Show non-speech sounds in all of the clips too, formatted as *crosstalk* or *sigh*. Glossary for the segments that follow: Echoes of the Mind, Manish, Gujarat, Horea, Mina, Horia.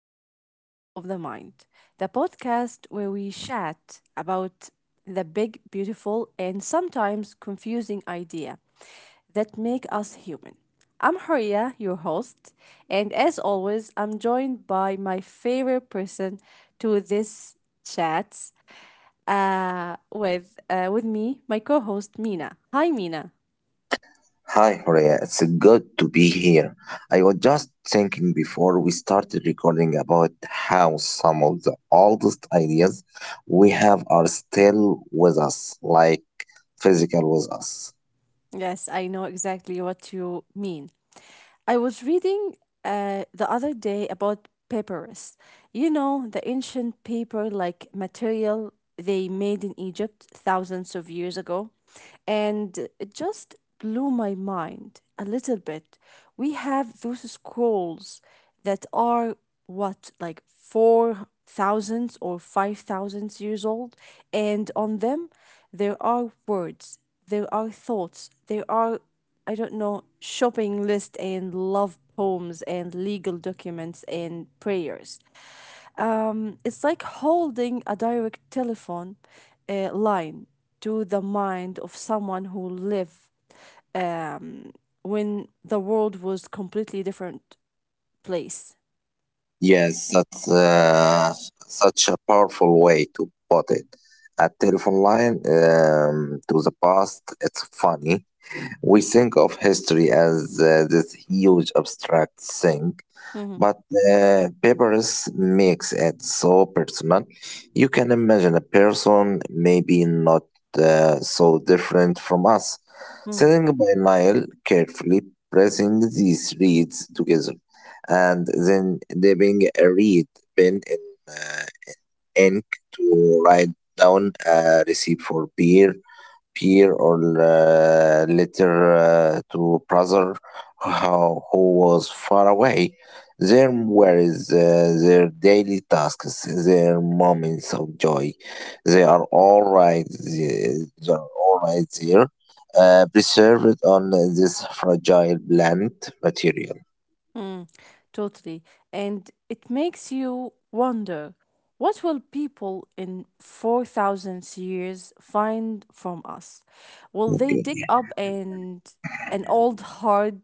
to Echoes of the Mind, the podcast where we chat about the big, beautiful, and sometimes confusing idea that make us human. I'm Horia, your host, and as always, I'm joined by my favorite person to this chat with me, my co-host Mina. Hi, Mina. Hi, Horea. It's good to be here. I was just thinking before we started recording about how some of the oldest ideas we have are still with us, like physical with us. Yes, I know exactly what you mean. I was reading the other day about papyrus. You know, the ancient paper like material they made in Egypt thousands of years ago. And it just blew my mind a little bit. We have those scrolls that are, what, like 4000 or 5000 years old, and on them there are words, there are thoughts, there are, I don't know, shopping list and love poems and legal documents and prayers. It's like holding a direct telephone line to the mind of someone who lived, um when the world was completely different place. Yes, that's such a powerful way to put it. A telephone line to the past, it's funny. We think of history as this huge abstract thing. Mhm. But papers makes it so personal. You can imagine a person maybe not so different from us, Mm. sitting by Nile, carefully pressing these reeds together, and then dipping a reed pen in uh, ink to write down a recipe for beer peer or later to brother who was far away. There were is, their daily tasks, their moments of joy. They are all right. They are all right there, preserved on this fragile plant material. Totally. And it makes you wonder, what will people in 4000 years find from us? Will they Okay. dig up and an old hard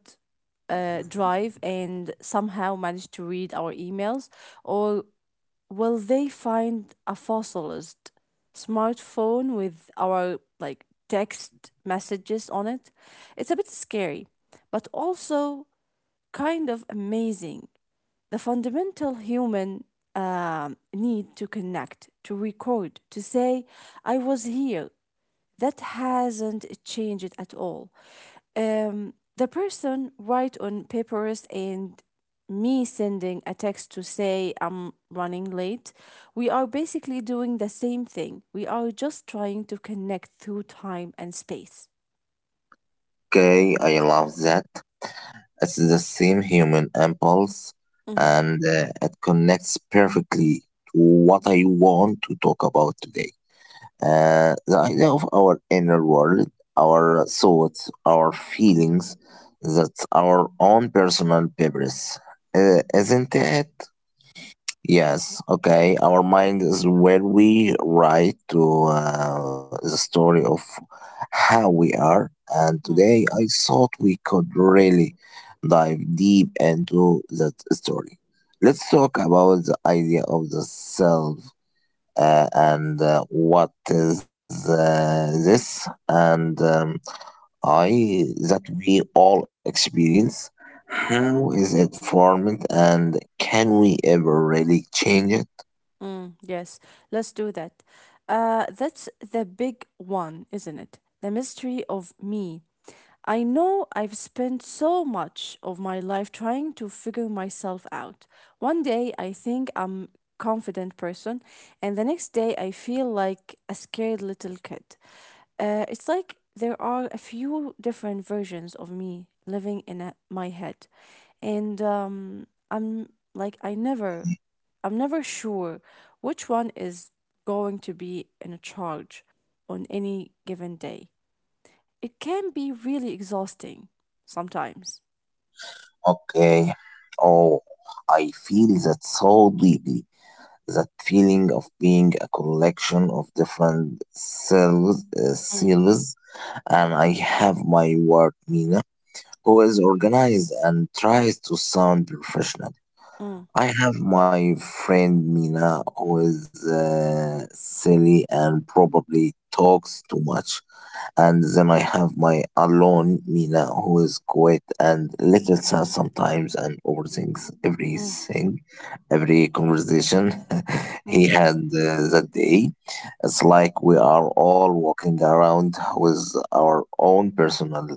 drive and somehow manage to read our emails, or will they find a fossilized smartphone with our like text messages on it? It's a bit scary, but also kind of amazing, the fundamental human need to connect, to record, to say, I was here. That hasn't changed at all. The person write on papers and me sending a text to say I'm running late, we are basically doing the same thing. We are just trying to connect through time and space. Okay, I love that. It's the same human impulse, Mhm. and it connects perfectly to what I want to talk about today. The idea of our inner world, our thoughts, our feelings, that's our own personal purpose, isn't it? Yes, okay. Our mind is where we write to the story of how we are. And today I thought we could really dive deep into that story. Let's talk about the idea of the self and what is this and I that we all experience. How is it formed and can we ever really change it? Mm, yes, let's do that. That's the big one, isn't it? The mystery of me. I know I've spent so much of my life trying to figure myself out. One day I think I'm confident person, and the next day I feel like a scared little kid. It's like there are a few different versions of me living in my head, and I'm never sure which one is going to be in charge on any given day. It can be really exhausting sometimes. Okay. Oh, I feel that so deeply. That feeling of being a collection of different selves, Mm. And I have my ward Mina, who is organized and tries to sound professional. Mm. I have my friend Mina, who is silly and probably talks too much, and then I have my alone Mina who is quiet and little sad sometimes and overthinks Mm. everything, every conversation *laughs* he Mm. had that day. It's like we are all walking around with our own personal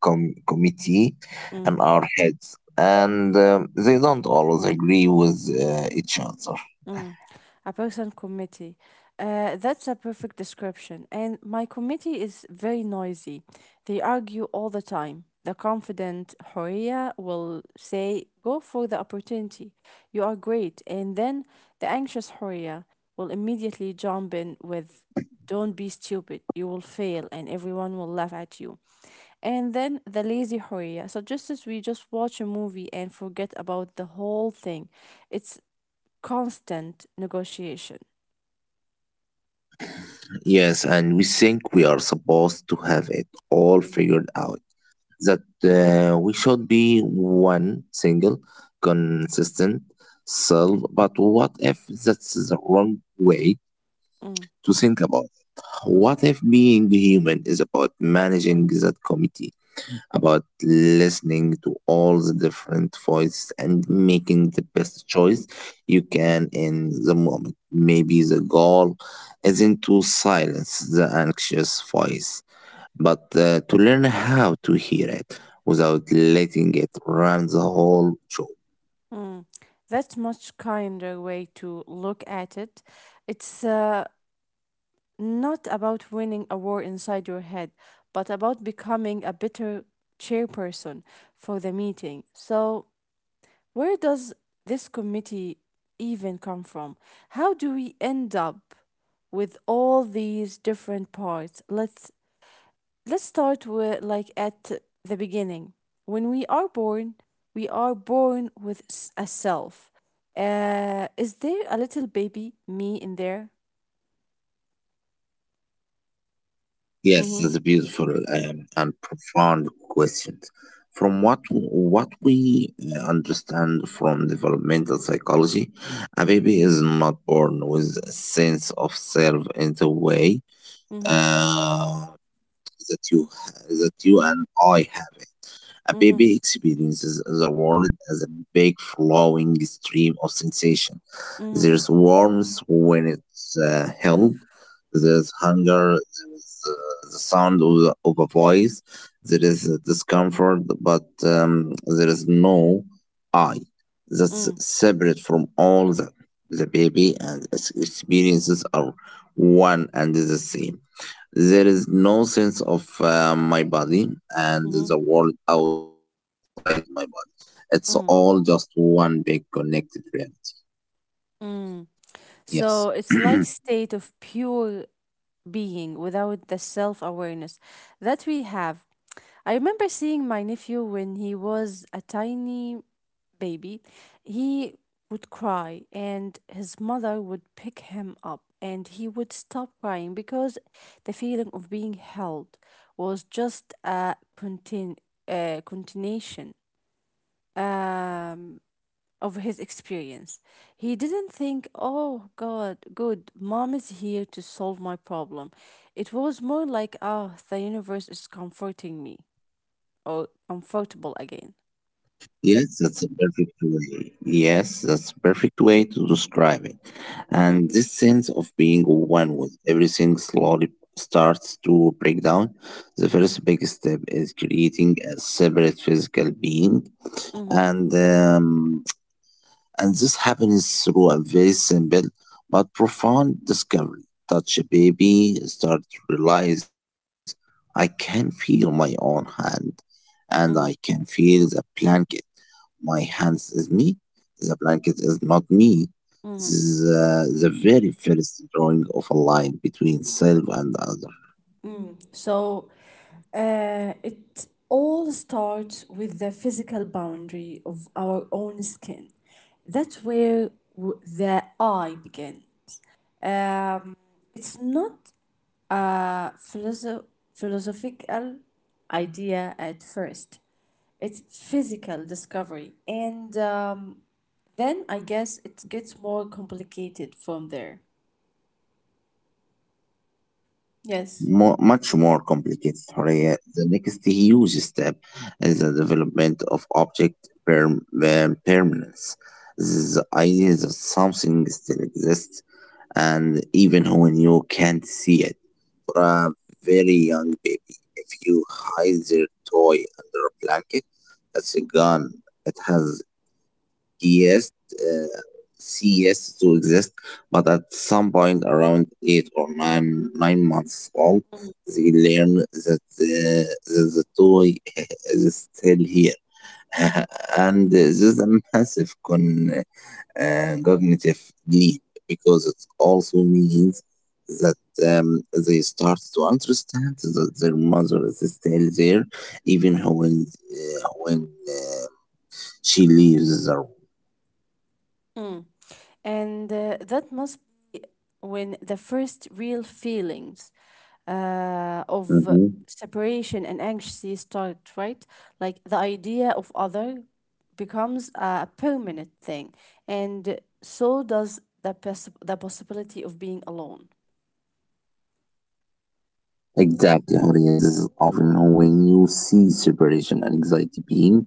committee Mm. and our heads, and they don't always agree with each other. Mm, a person committee. That's a perfect description. And my committee is very noisy. They argue all the time. The confident Horia will say, "Go for the opportunity. You are great." And then the anxious Horia will immediately jump in with, "Don't be stupid. You will fail. And everyone will laugh at you." And then the lazy Horia suggests we just watch a movie and forget about the whole thing. It's constant negotiation. Yes, and we think we are supposed to have it all figured out. That we should be one single, consistent self. But what if that's the wrong way Mm. to think about? What if being human is about managing that committee, about listening to all the different voices and making the best choice you can in the moment? Maybe the goal isn't to silence the anxious voice, but to learn how to hear it without letting it run the whole show. Mm. That's much kinder way to look at it. It's not about winning a war inside your head, but about becoming a better chairperson for the meeting. So, where does this committee even come from? How do we end up with all these different parts? Let's start with like at the beginning. When we are born with a self. Is there a little baby me in there? Yes, it's a Mm-hmm. beautiful and profound question. From what we understand from developmental psychology, a baby is not born with a sense of self in the way Mm-hmm. uh, that you and I have it. A Mm-hmm. baby experiences the world as a big flowing stream of sensation. Mm-hmm. There's warmth when it's held. There's hunger. There's the sound of a voice. There is discomfort, but there is no I that's Mm-hmm. separate from the baby, and its experiences are one and the same. There is no sense of my body and the world outside my body. It's all just Mm-hmm. one big connected reality. Mm. Yes. So it's *clears throat* like state of pure being without the self awareness that we have. I remember seeing my nephew when he was a tiny baby. He would cry, and his mother would pick him up, and he would stop crying because the feeling of being held was just a continuation Um, of his experience. He didn't think, oh God, good, mom is here to solve my problem. It was more like, ah, the universe is comforting me or comfortable again. Yes, that's a perfect way to describe it. And this Mm. sense of being one with everything slowly starts to break down. The first Mhm. big step is creating a separate physical being, Mhm. and um, And this happens through a very simple but profound discovery. Touch a baby, start to realize I can feel my own hand and I can Mhm. feel the blanket. My hands is me, the blanket is not me. This Mhm. is the very first drawing of a line between self and other. So it all starts with the physical boundary of our own skin. That's where the I began. Um, it's not a philosophical idea at first. It's physical discovery, and then I guess it gets more complicated from there. Yes. More, much more complicated, Horea. The next huge step is the development of object permanence. This is the idea that something still exists, and even when you can't see it, for a very young baby, if you hide their toy under a blanket, it's gone. It has yes, uh, yes, to exist, but at some point around eight or nine months old, they learn that that the toy *laughs* is still here, *laughs* and this is a massive con cognitive leap because it also means that um, they start to understand that their mother is still there, even when she leaves the. Mm. And that must be when the first real feelings of separation Mhm. and anxiety start, right? Like the idea of other becomes a permanent thing, and so does the the possibility of being alone. Exactly, audiences Mm. often when you see separation and anxiety being,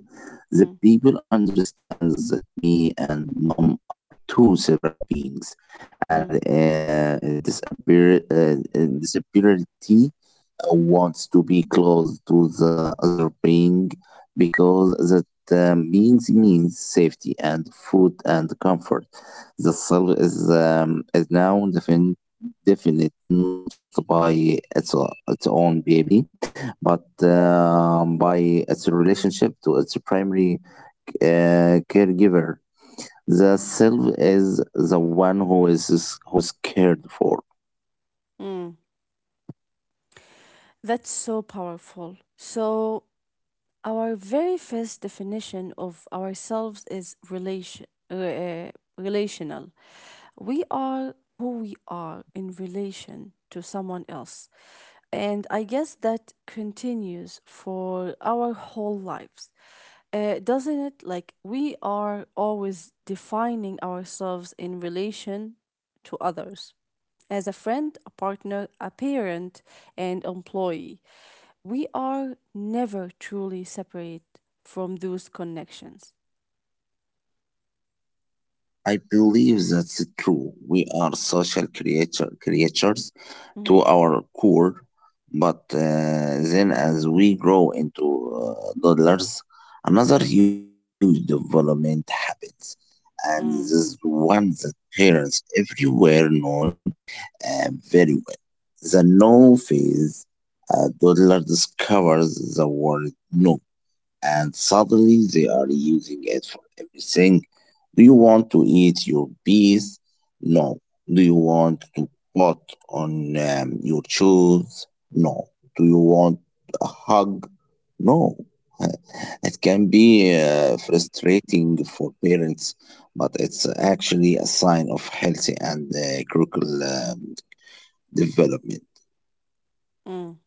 the Mm. people understand that me and mom are two separate beings, and Mm. Disability wants to be close to the other being because that beings means safety and food and comfort. The self is now definite, not just by its own baby, but by its relationship to its primary caregiver. The self is the one who is cared for. Mm. That's so powerful. So our very first definition of ourselves is relational. We are who we are in relation to someone else. And I guess that continues for our whole lives. Doesn't it? Like, we are always defining ourselves in relation to others, as a friend, a partner, a parent, and employee. We are never truly separate from those connections. I believe that's true. We are social creatures Mhm. to our core, but then as we grow into toddlers, another huge development happens, and this Mm. is one that parents everywhere know very well. The no phase, a toddler discovers the word no, and suddenly they are using it for everything. Do you want to eat your bees? No. Do you want to put on your shoes? No. Do you want a hug? No. *laughs* It can be frustrating for parents, but it's actually a sign of healthy and curricular development. Mm.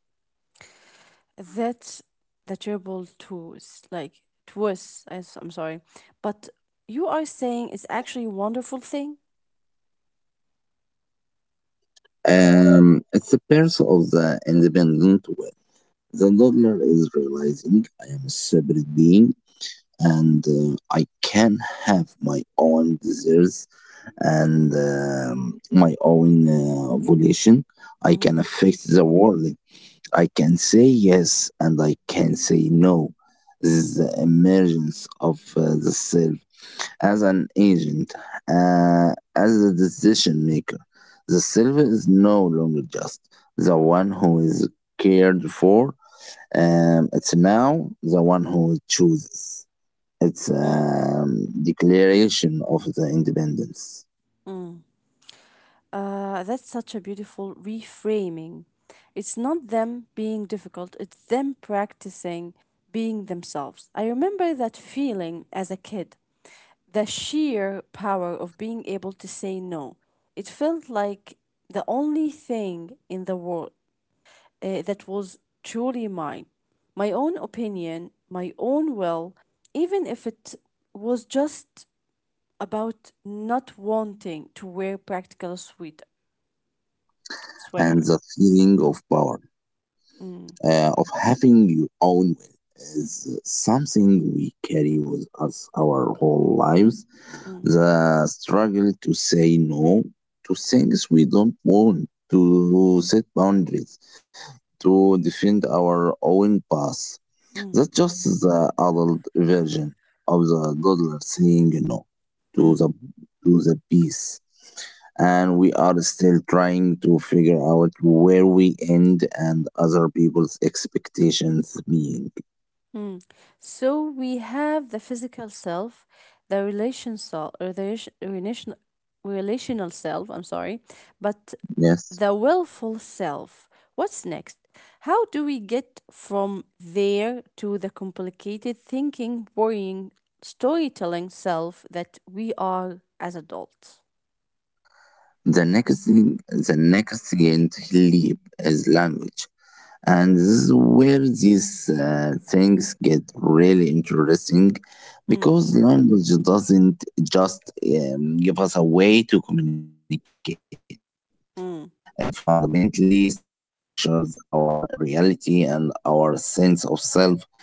That's the terrible truth. Like truth, I'm sorry, but you are saying it's actually a wonderful thing. It's the birth of the independent will. The learner is realizing I am a separate being, and I can have my own desires and my own Mm-hmm. volition. I can affect the world. I can say yes and I can say no. This is the emergence of the self as an agent, as a decision maker. The self is no longer just the one who is cared for. It's now the one who chooses. It's declaration of the independence, That's such a beautiful reframing. It's not them being difficult, it's them practicing being themselves. I remember that feeling as a kid, the sheer power of being able to say no. It felt like the only thing in the world that was truly mine, my own opinion, my own will, even if it was just about not wanting to wear practical sweater. and the Mm. feeling of power, of having your own will is something we carry with us Mm. our whole lives. The struggle to say no to things we don't want, to set boundaries, to defend our Mm. own path. That's just the adult version of the Mm. toddler saying no to the to the piece. And we are still trying to figure out where we end and other people's Mm. expectations So being. we have the physical self, the relation self, or the relation- relational relational self. I'm sorry, but the willful self. Yes. What's next? How do we get from there to the complicated thinking, worrying, storytelling self that we are as adults? The next thing leap is language, and this is where these things get Mm. really interesting because language doesn't just give us a way to Mm. communicate, it fundamentally structures our reality and our sense of self.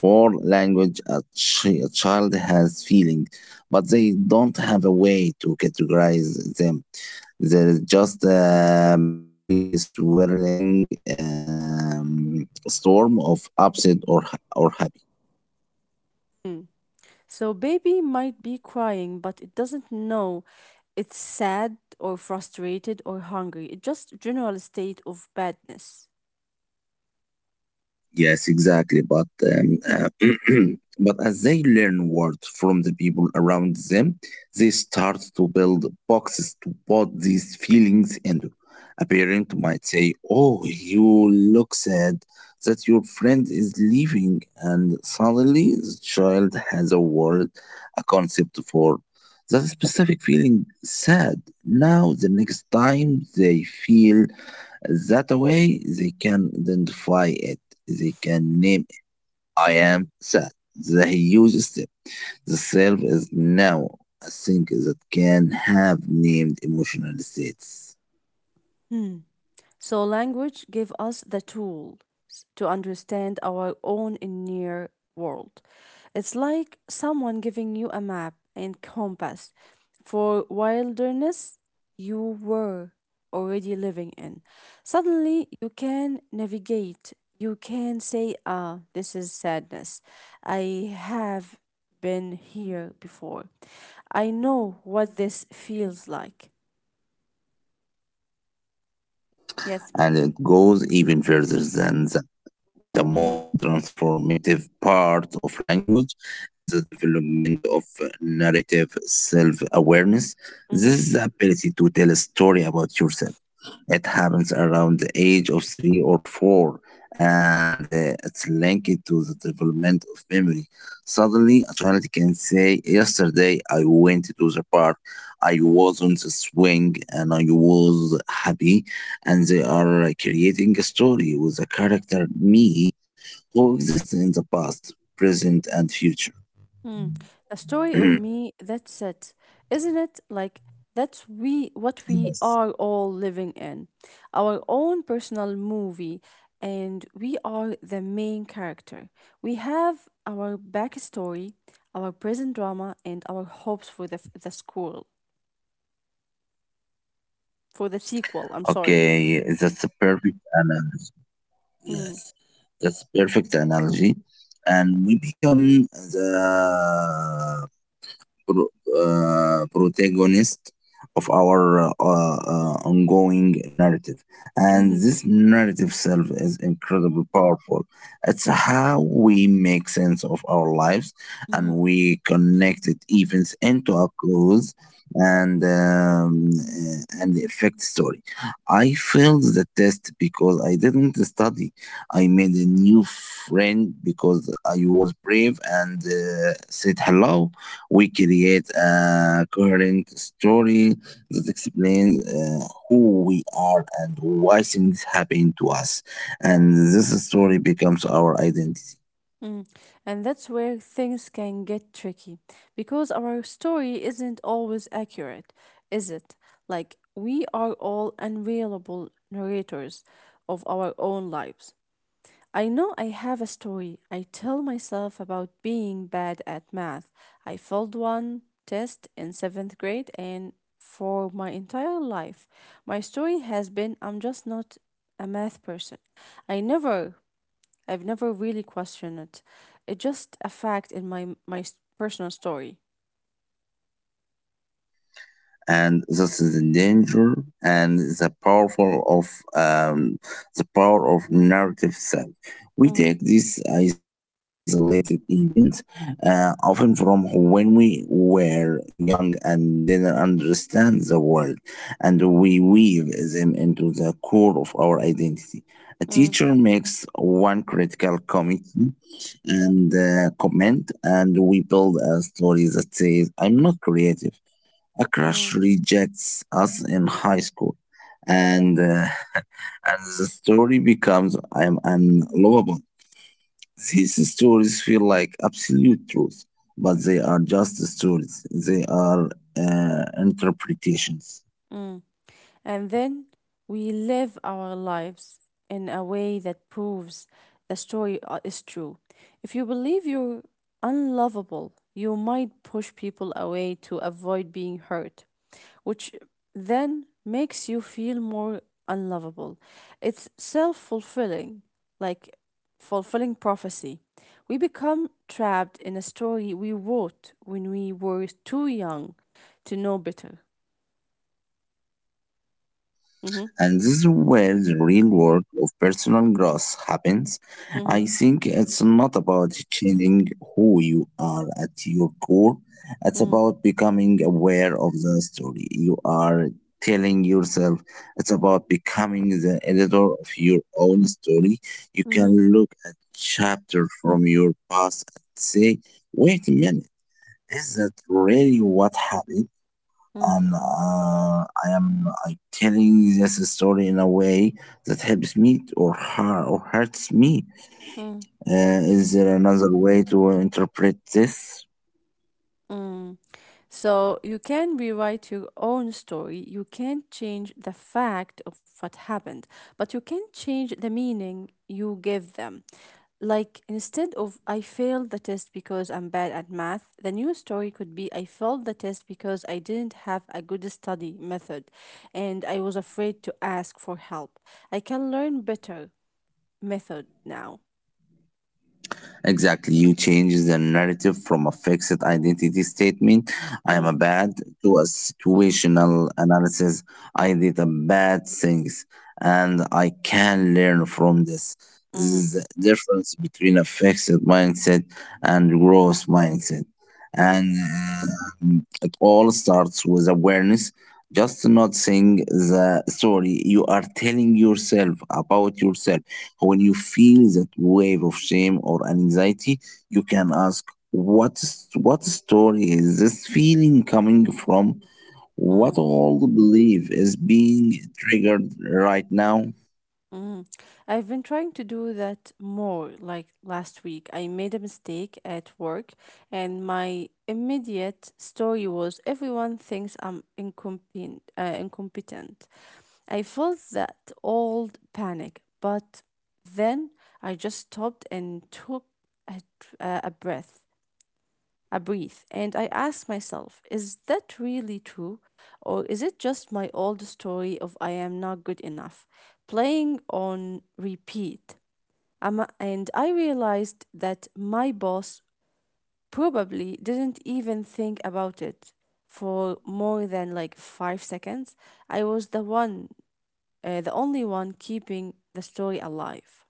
Before language a child has feelings, but they don't have a way to categorize them. There is just a big swirling storm of upset or. Mm. So baby might be crying, but it doesn't know it's sad or frustrated or hungry. It's just general state of badness. Yes, exactly. But *clears throat* But as they learn words from the people around them, they start to build boxes to put these feelings into. A parent might say, "Oh, you look sad that your friend is leaving," and suddenly the child has a word, a concept for that specific feeling, sad. Now, the next time they feel that way they can identify it. They can name it. I am sad. The huge step. The self is now a thing that can have named emotional states. So language give us the tools to understand our own inner world. It's like someone giving you a map and compass for wilderness you were already living in. Suddenly you can navigate. You can say, ah, this is sadness. I have been here before. I know what this feels like. Yes. And it goes even further than. The Mm-hmm. most transformative part of language is the development of narrative self awareness. Mm-hmm. This is the ability to tell a story about yourself. It happens around the age of three or four, and it's linked to the development of memory. Suddenly, a child can say, "Yesterday I went to the park, I was on the swing, and I was happy." And they are creating a story with a character me who exists in the past, present, and future. Mm. The story of me, *clears throat* that's it. Isn't it? Like that's we what we are Yes. all living in. Our own personal movie, and we are the main character. We have our backstory, our present drama, and our hopes for the the school, for the sequel, I'm sorry. Okay, that's a perfect analogy. Mm. Yes, that's perfect analogy. And we become the pro- protagonist of our ongoing narrative. And Mm-hmm. this narrative self is incredibly powerful. It's how we make sense of our lives, and Mm-hmm. we connect it events into a close and effect story. I failed the test because I didn't study. I made a new friend because I was brave and said hello. We create a coherent story that explains who we are and why things happen to us. And this story becomes our identity. Mm. And that's where things can get tricky, because our story isn't always accurate, is it? Like, we are all unreliable narrators of our own lives. I know I have a story I tell myself about being bad at math. I failed one test in seventh grade, and for my entire life, my story has been I'm just not a math person. I never I've never really questioned it. It's just a fact in my personal story. And that's the danger and the powerful of um, the power of narrative Mm. self. We take these isolated events, often from when we were young and didn't understand the world, and we weave them into the core of our identity. A teacher Hmm. makes one critical committee and comment, and we build a story that says, "I'm not creative." A Mm. crush rejects us in high school, and uh, and the story becomes I am unlovable. These stories feel like absolute truth, but they are just stories. They are interpretations. Hmm. And then we live our lives in a way that proves the story is true. If you believe you're unlovable, you might push people away to avoid being hurt, which then makes you feel more unlovable. It's self fulfilling, like fulfilling prophecy. We become trapped in a story we wrote when we were too young to know better. Hmm. And this is where the real work of personal growth happens. Hmm. I think it's not about changing who you are at your core, it's about becoming aware of the story you are telling yourself. It's about becoming the editor of your own story. Mhm. You can look at chapter from your past and say, wait a minute, is that really what happened? Mm. And I am like telling this story in a way that helps me or her or hurts me. Mm. Uh, is there another way to interpret this? Mm. So you can rewrite your own story. You can't change the fact of what happened, but you can change the meaning you give them. Like instead of I failed the test because I'm bad at math, the new story could be I failed the test because I didn't have a good study method and I was afraid to ask for help. I can learn better method now. Exactly. You change the narrative from a fixed identity statement, I am a Mm-hmm. bad, to a situational analysis. I did a bad things and I can learn from this. This Mm-hmm. is the difference between a fixed mindset and growth mindset. Mm-hmm. And It all starts with awareness, just not saying the story you are telling yourself about yourself when you feel that wave of shame or anxiety, you can ask, what, what story is this feeling coming from? What Mm-hmm. old belief is being triggered right now? Mm. I've been trying to do that more. Like last week, I made a mistake at work, and my immediate story was everyone thinks I'm incompetent. I felt that old panic, but then I just stopped and took a breath. I breathe and I ask myself, is that really true? Or is it just my old story of I am not good enough, playing on repeat? And I realized that my boss probably didn't even think about it for more than like 5 seconds. I was the only one keeping the story alive.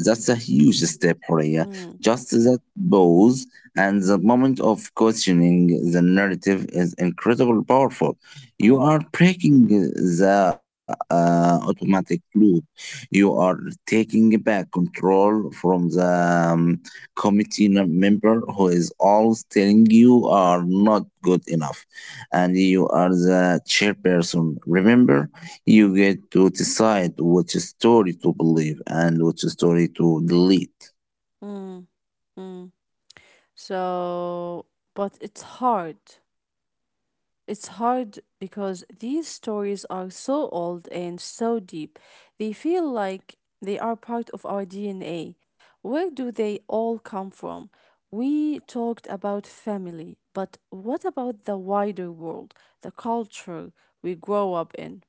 That's a huge step, Horia. Mm. Just that pause and the moment of questioning the narrative is incredibly powerful. You Mm. are breaking the automatic loop. You are taking back control from the um, member who is always telling you are not good enough, and you are the chairperson. Remember, you get to decide which story to believe and which story to delete. Mm. Mm. So, but it's hard. It's hard because these stories are so old and so deep. They feel like they are part of our DNA. Where do they all come from? We talked about family, but what about the wider world, the culture we grow up in?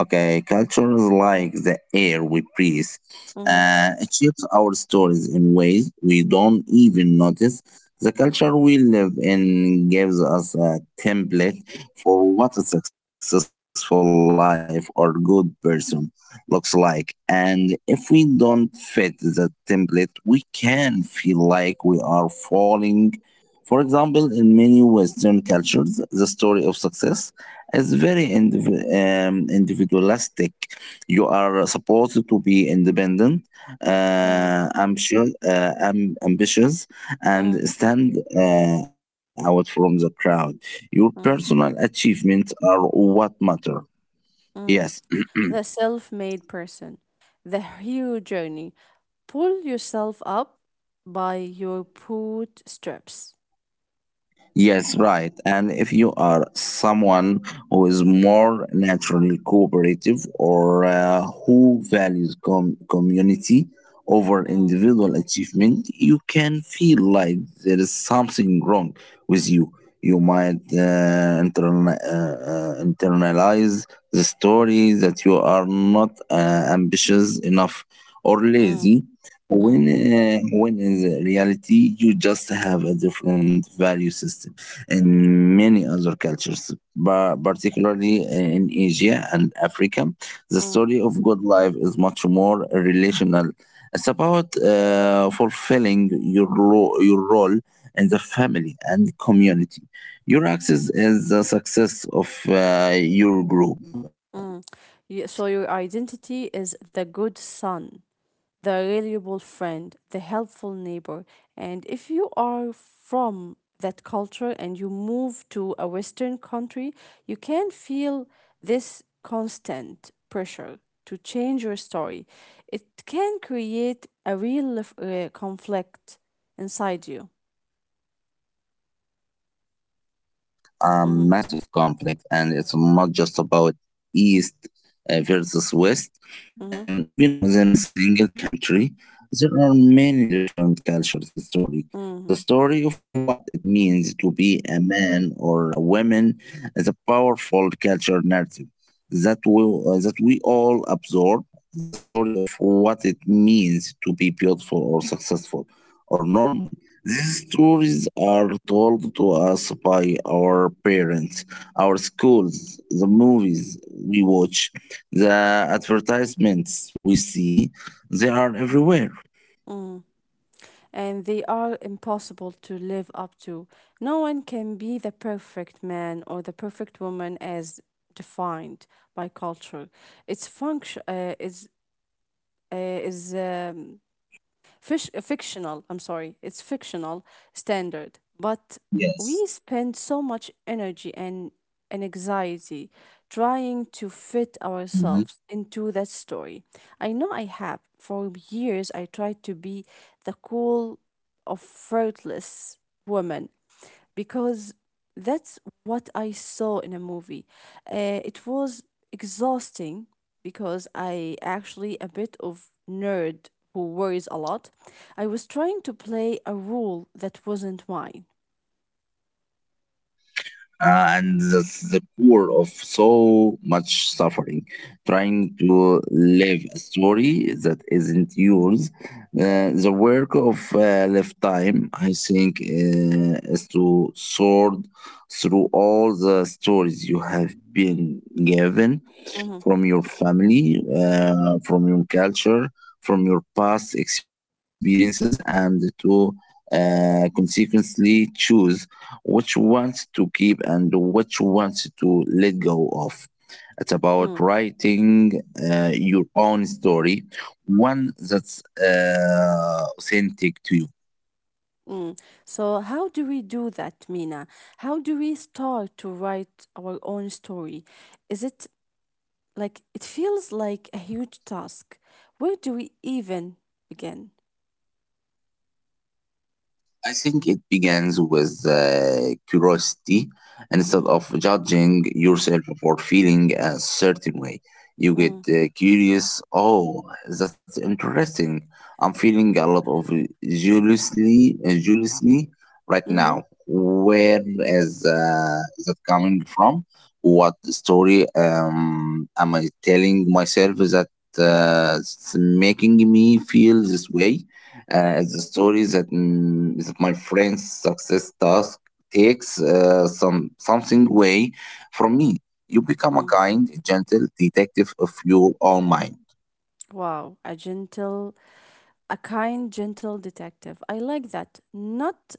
Okay, culture is like the air we breathe. Mhm. It shapes our stories in ways we don't even notice. The culture we live in gives us a template for what a successful life or good person looks like. And if we don't fit the template, we can feel like we are falling. For example, in many Western cultures, the story of success is very individualistic. You are supposed to be independent, Mm. Ambitious, Mm. and stand out from the crowd. Your Mm. personal achievements are what matter. Mm. Yes. *clears throat* The self made person, the hero journey. Pull yourself up by your bootstraps. Yes, right. And if you are someone who is more naturally cooperative or who values community over Mm. individual achievement, you can feel like there is something wrong with you. You might internalize the story that you are not ambitious enough or Mm. lazy Mm. When in reality you just have a different value system in many other cultures, but particularly in Asia and Africa. The Mm. story of good life is much more relational. It's about fulfilling your role in the family and community. Your access is the success of your group. Mm. So your identity is the good son, the reliable friend, the helpful neighbor. And if you are from that culture and you move to a Western country, you can feel this constant pressure to change your story. It can create a real conflict inside you. A Mm-hmm. massive conflict, and it's not just about East versus West. Mm-hmm. Even within a single country, there are many different cultures. The Mm-hmm. story of what it means to be a man or a woman, is a powerful culture narrative that we all absorb. The story of what it means to be beautiful or successful or normal, these stories are told to us by our parents, our schools, the movies we watch, the advertisements we see. They are everywhere. Mm-hmm. And they are impossible to live up to. No one can be the perfect man or the perfect woman as defined by culture. It's function uh, is fictional, I'm sorry, it's fictional standard. But we Yes. spend so much energy, and anxiety trying to fit ourselves into that story. I know I have. For years, I tried to be the cool, of fruitless woman because that's what I saw in a movie. It was exhausting because I actually a bit of nerd who worries a lot. I was trying to play a role that wasn't mine. And that's the core of so much suffering. Trying to live a story that isn't yours, the work of lifetime, I think, is to sort through all the stories you have been given Mhm. from your family, from your culture, from your past experiences, and to consequently choose which ones to keep and which ones to let go of. It's about Mm. writing your own story, one that's authentic to you. Mm. So how do we do that, Mina? How do we start to write our own story? Is it like it feels like a huge task? Where do we even begin? I think it begins with curiosity. Instead Mm-hmm. of judging yourself for feeling a certain way, you get Mm. Curious. Oh, that's interesting. I'm feeling a lot of jealously, jealously right Mm-hmm. now. Where is that coming from? What story am I telling myself that it's making me feel this way? The story that that my friend's success task takes something away from me. You become Mm. a kind, gentle detective of your own mind. Wow, a kind, gentle detective. I like that. Not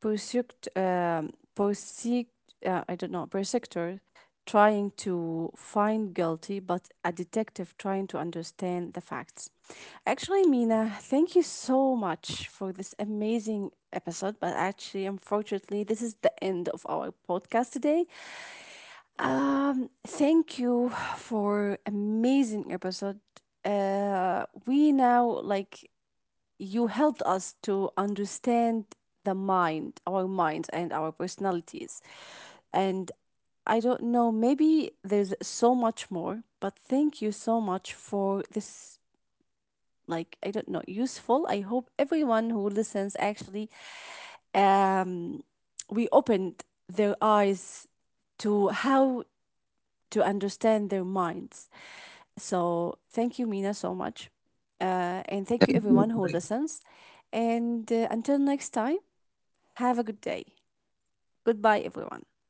pursuit, um, pursuit, I don't know, persecutor trying to find guilty, but a detective trying to understand the facts. Actually, Mina, thank you so much for this amazing episode. But actually, unfortunately, this is the end of our podcast today. Thank you for amazing episode. We now like you helped us to understand the mind, our minds, and our personalities. And I don't know, maybe there's so much more, but thank you so much for this. Like, I don't know, useful. I hope everyone who listens actually, um, we opened their eyes to how to understand their minds. So thank you, Mina, so much. And thank you, everyone who listens. And until next time, have a good day. Goodbye, everyone.